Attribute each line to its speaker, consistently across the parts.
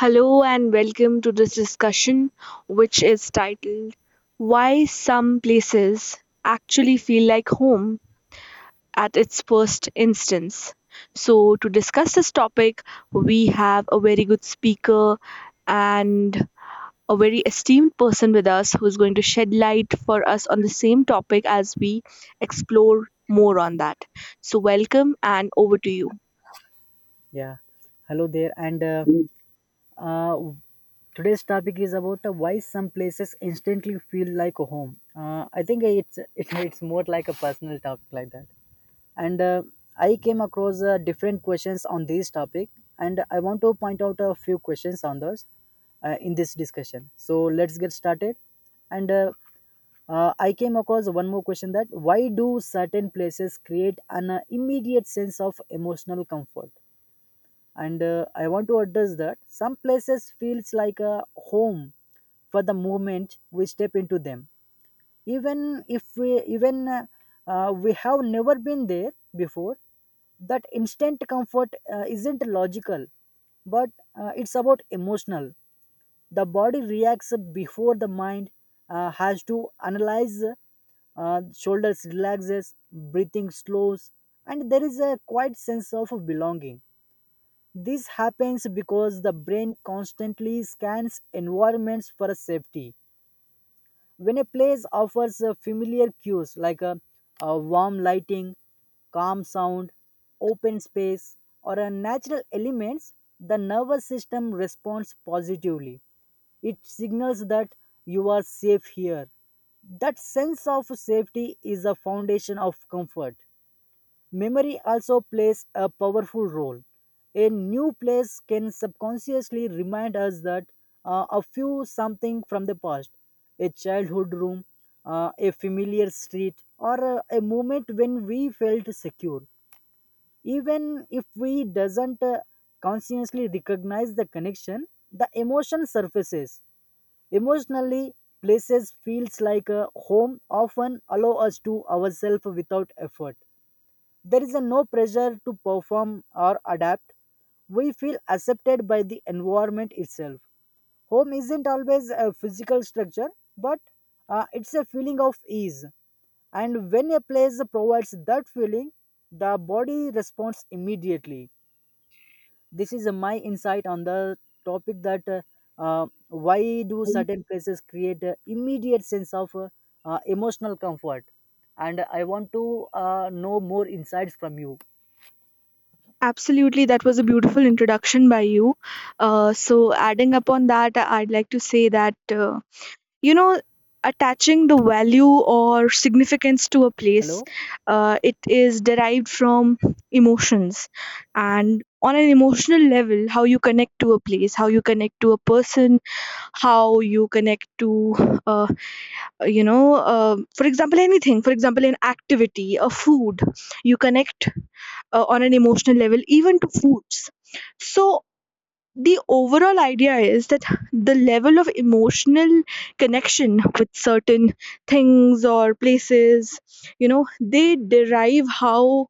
Speaker 1: Hello and welcome to this discussion, which is titled Why Some Places Actually Feel Like Home at its First Instance. So, to discuss this topic, we have a very good speaker and a very esteemed person with us who is going to shed light for us on the same topic as we explore more on that. So, welcome and over to you.
Speaker 2: Yeah. Hello there. And uh, today's topic is about why some places instantly feel like a home. I think it's more like a personal talk like that. And I came across different questions on this topic, and I want to point out a few questions on those in this discussion. So let's get started. And I came across one more question that why do certain places create an immediate sense of emotional comfort? And I want to address that some places feels like a home for the moment we step into them even if we have never been there before. That instant comfort isn't logical, but it's about emotional. The body reacts before the mind has to analyze. Shoulders relaxes, breathing slows, and there is a quiet sense of belonging. This happens because the brain constantly scans environments for safety. When a place offers familiar cues like a warm lighting, calm sound, open space, or a natural elements, the nervous system responds positively. It signals that you are safe here. That sense of safety is a foundation of comfort. Memory also plays a powerful role. A new place can subconsciously remind us that a few something from the past, a childhood room, a familiar street, or a moment when we felt secure. Even if we doesn't consciously recognize the connection, the emotion surfaces. Emotionally, places feels like a home often allow us to ourselves without effort. There is a no pressure to perform or adapt. We feel accepted by the environment itself. Home isn't always a physical structure, but it's a feeling of ease. And when a place provides that feeling, the body responds immediately. This is my insight on the topic that why do certain places create a immediate sense of emotional comfort? And I want to know more insights from you.
Speaker 1: Absolutely, that was a beautiful introduction by you. So, adding upon that, I'd like to say that, you know, attaching the value or significance to a place,
Speaker 2: Hello?
Speaker 1: it is derived from emotions. And on an emotional level, how you connect to a place, how you connect to a person, how you connect to, uh, for example, anything, for example, an activity, a food. You connect, on an emotional level, even to foods. So the overall idea is that the level of emotional connection with certain things or places, they derive how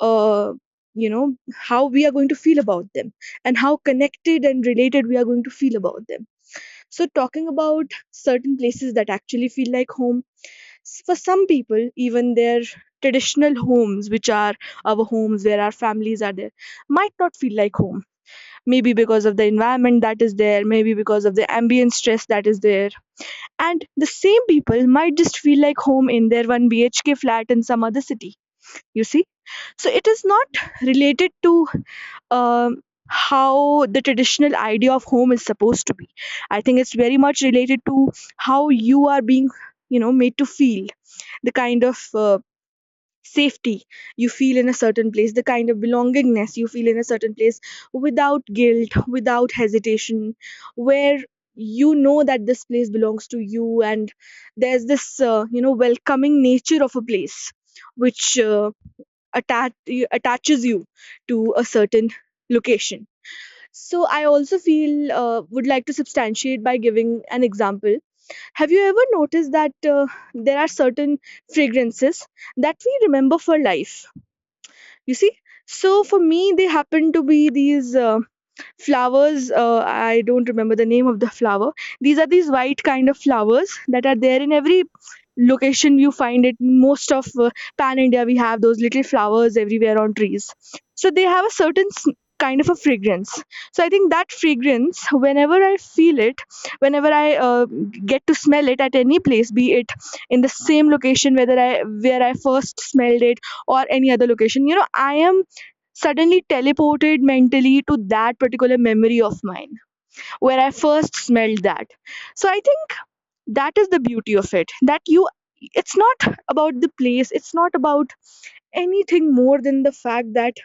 Speaker 1: uh, you know how we are going to feel about them, and how connected and related we are going to feel about them. So, talking about certain places that actually feel like home, for some people, even their traditional homes, which are our homes where our families are there, might not feel like home. Maybe because of the environment that is there, maybe because of the ambient stress that is there. And the same people might just feel like home in their 1 BHK flat in some other city. You see? So, it is not related to um, how the traditional idea of home is supposed to be. I think it's very much related to how you are being, made to feel the kind of safety you feel in a certain place, the kind of belongingness you feel in a certain place without guilt, without hesitation, where you know that this place belongs to you, and there's this welcoming nature of a place which attach, attaches you to a certain location. So I also feel would like to substantiate by giving an example. Have you ever noticed that there are certain fragrances that we remember for life? You see, so for me they happen to be these. Flowers, I don't remember the name of the flower. These are these white kind of flowers that are there in every location. You find it most of, pan India. We have those little flowers everywhere on trees. So they have a certain kind of a fragrance. So I think that fragrance, whenever I feel it, whenever I get to smell it at any place, be it in the same location, whether I where I first smelled it, or any other location, I am suddenly teleported mentally to that particular memory of mine, where I first smelled that. So I think that is the beauty of it, it's not about the place, it's not about anything more than the fact that,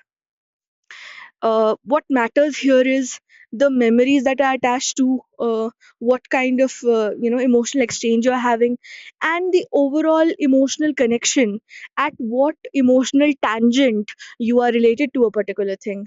Speaker 1: what matters here is the memories that are attached to, what kind of emotional exchange you're having, and the overall emotional connection, at what emotional tangent you are related to a particular thing.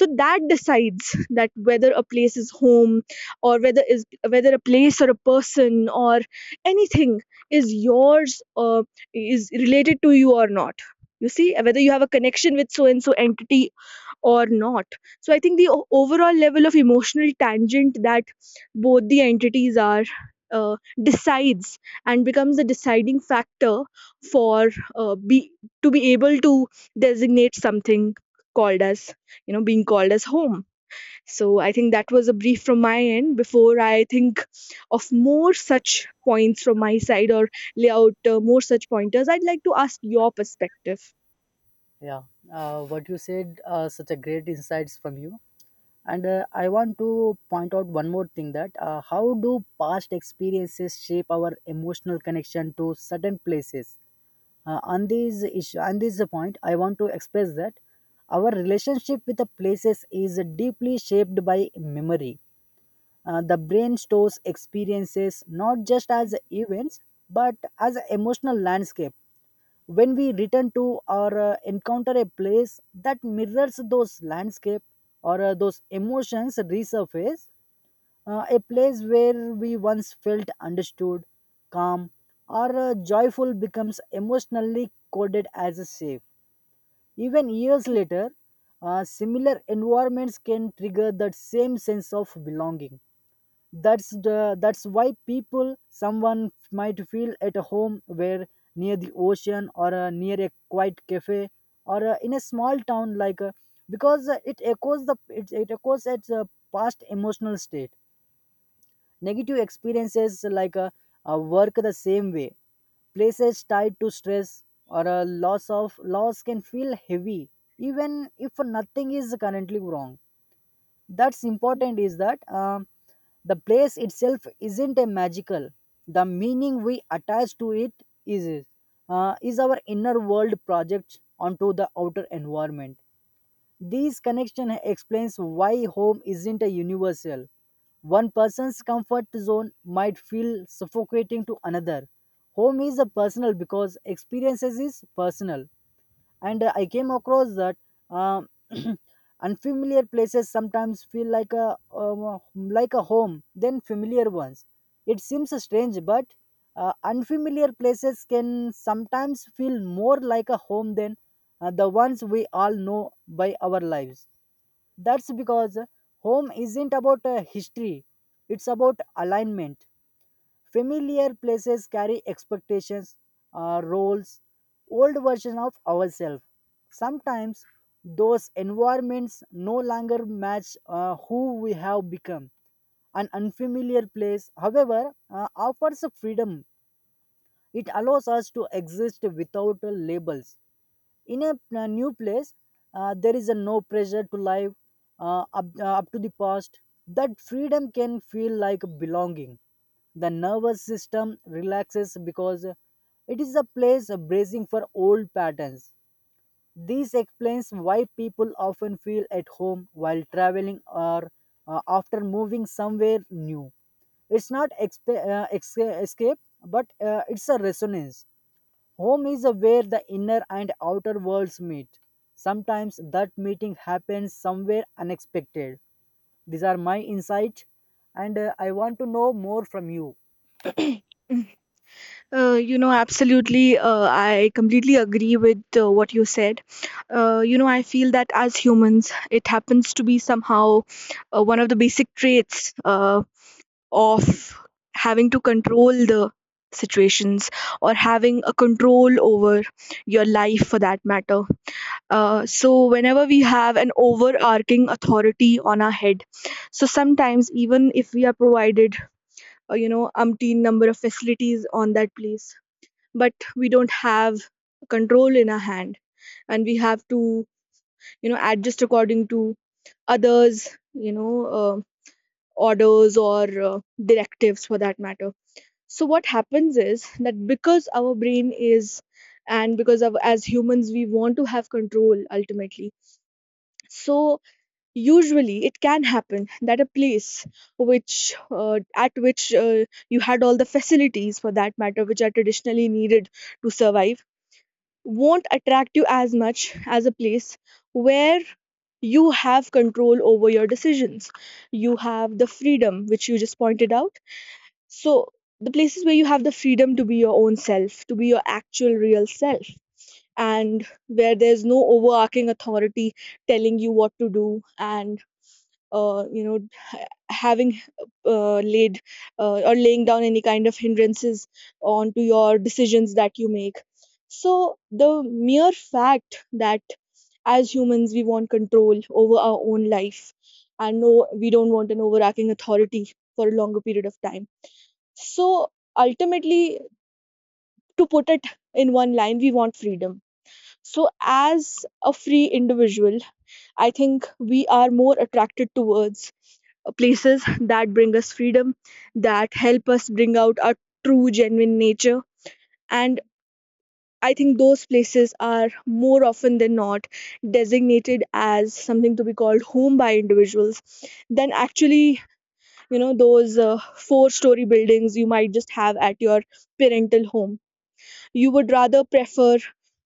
Speaker 1: So that decides that whether a place is home, or whether a place or a person or anything is yours, is related to you or not. You see, whether you have a connection with so and so entity or not. So I think the overall level of emotional tangent that both the entities are, decides and becomes a deciding factor for, be to be able to designate something called as, being called as home. So I think that was a brief from my end, before I think of more such points from my side, or lay out more such pointers. I'd like to ask your perspective.
Speaker 2: Yeah, what you said, such a great insights from you. And I want to point out one more thing that how do past experiences shape our emotional connection to certain places? On this issue, on this point, I want to express that our relationship with the places is deeply shaped by memory. The brain stores experiences not just as events but as an emotional landscape. When we return to or encounter a place that mirrors those landscape, or those emotions resurface. A place where we once felt understood, calm, or joyful becomes emotionally coded as a safe. Even years later, similar environments can trigger that same sense of belonging. That's why people someone might feel at home where near the ocean, or near a quiet cafe, or in a small town because it echoes it echoes its past emotional state. Negative experiences like work the same way. Places tied to stress or a loss of loss can feel heavy even if nothing is currently wrong. That's important is that the place itself isn't a magical, the meaning we attach to it is is our inner world project onto the outer environment. This connection explains why home isn't a universal. One person's comfort zone might feel suffocating to another. Home is a personal because experiences is personal. And I came across that uh, unfamiliar places sometimes feel like a home than familiar ones. It seems strange, but unfamiliar places can sometimes feel more like a home than the ones we all know by our lives. That's because home isn't about history. It's about alignment. Familiar places carry expectations, roles, old version of ourselves. Sometimes those environments no longer match who we have become. An unfamiliar place, however, offers a freedom. It allows us to exist without labels. In a new place, there is a no pressure to live up to the past. That freedom can feel like belonging. The nervous system relaxes because it is a place bracing for old patterns. This explains why people often feel at home while traveling or after moving somewhere new. It's not escape, but it's a resonance. Home is where the inner and outer worlds meet. Sometimes that meeting happens somewhere unexpected. These are my insights, and I want to know more from you.
Speaker 1: Absolutely. I completely agree with what you said. I feel that as humans, it happens to be somehow one of the basic traits, of having to control the situations, or having a control over your life for that matter. So, whenever we have an overarching authority on our head, so sometimes even if we are provided, umpteen number of facilities on that place, but we don't have control in our hand, and we have to, adjust according to others, you know uh, orders, or directives for that matter. So what happens is that, because our brain is, and because of, as humans, we want to have control ultimately. So usually it can happen that a place which at which, you had all the facilities for that matter, which are traditionally needed to survive, won't attract you as much as a place where you have control over your decisions. You have the freedom, which you just pointed out. So, the places where you have the freedom to be your own self, to be your actual real self, and where there's no overarching authority telling you what to do, and having, laid, or laying down any kind of hindrances onto your decisions that you make. So the mere fact that, as humans we want control over our own life, and no, we don't want an overarching authority for a longer period of time. So ultimately, to put it in one line, we want freedom. So as a free individual, I think we are more attracted towards places that bring us freedom, that help us bring out our true, genuine nature. And I think those places are more often than not designated as something to be called home by individuals, than actually, those four-story buildings you might just have at your parental home. You would rather prefer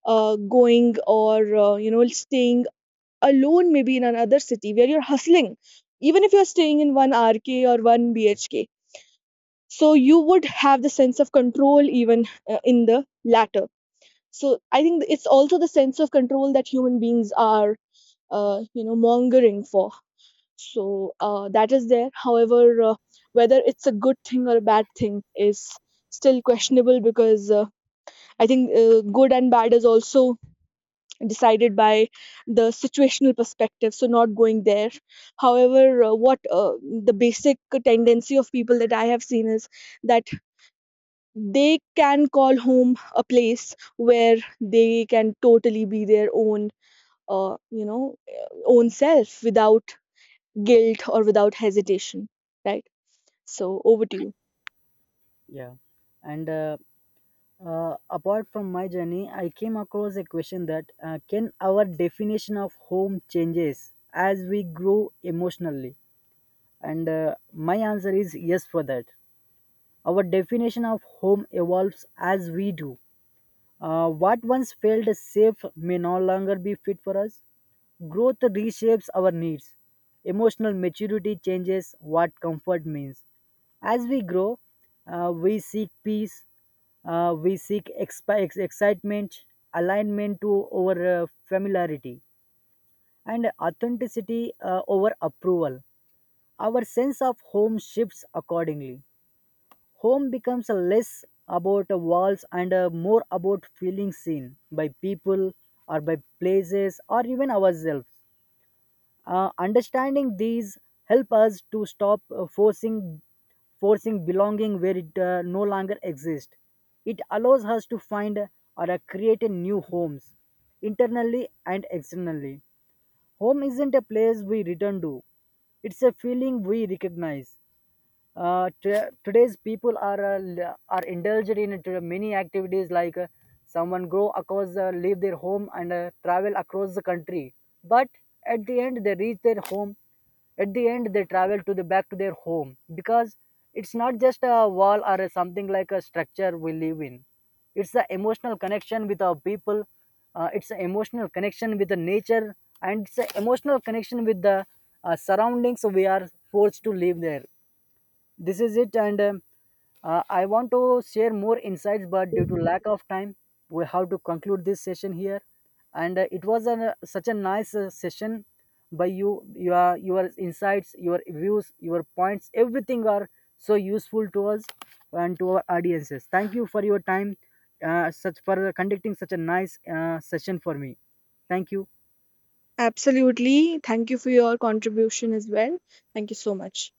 Speaker 1: going, or, staying alone maybe in another city where you're hustling, even if you're staying in 1 RK or 1 BHK. So you would have the sense of control even in the latter. So I think it's also the sense of control that human beings are, mongering for. So, that is there. However, whether it's a good thing or a bad thing is still questionable, because, I think, good and bad is also decided by the situational perspective, so not going there. However, what the basic tendency of people that I have seen is that they can call home a place where they can totally be their own you know own self, without guilt or without hesitation. Right, so over to you.
Speaker 2: Yeah. And Apart from my journey, I came across a question that can our definition of home changes as we grow emotionally? And my answer is yes for that. Our definition of home evolves as we do. What once felt safe may no longer be fit for us. Growth reshapes our needs. Emotional maturity changes what comfort means. As we grow, we seek peace, we seek excitement, alignment to over familiarity, and authenticity over approval. Our sense of home shifts accordingly. Home becomes less about walls and a more about feeling seen by people, or by places, or even ourselves. Understanding these help us to stop forcing belonging where it no longer exists. It allows us to find or create a new homes internally and externally. Home isn't a place we return to. It's a feeling we recognize. Today's people are are indulged in it, many activities like someone go across leave their home and travel across the country, but at the end they reach their home. At the end they travel to the back to their home because it's not just a wall or a something like a structure we live in. It's the emotional connection with our people. It's an emotional connection with the nature, and it's an emotional connection with the surroundings we are forced to live there. This is it. And I want to share more insights, but due to lack of time we have to conclude this session here. And it was an, such a nice session by you. Your insights, your views, your points, everything are so useful to us and to our audiences. Thank you for your time, such for conducting such a nice session for me. Thank you.
Speaker 1: Absolutely, thank you for your contribution as well. Thank you so much.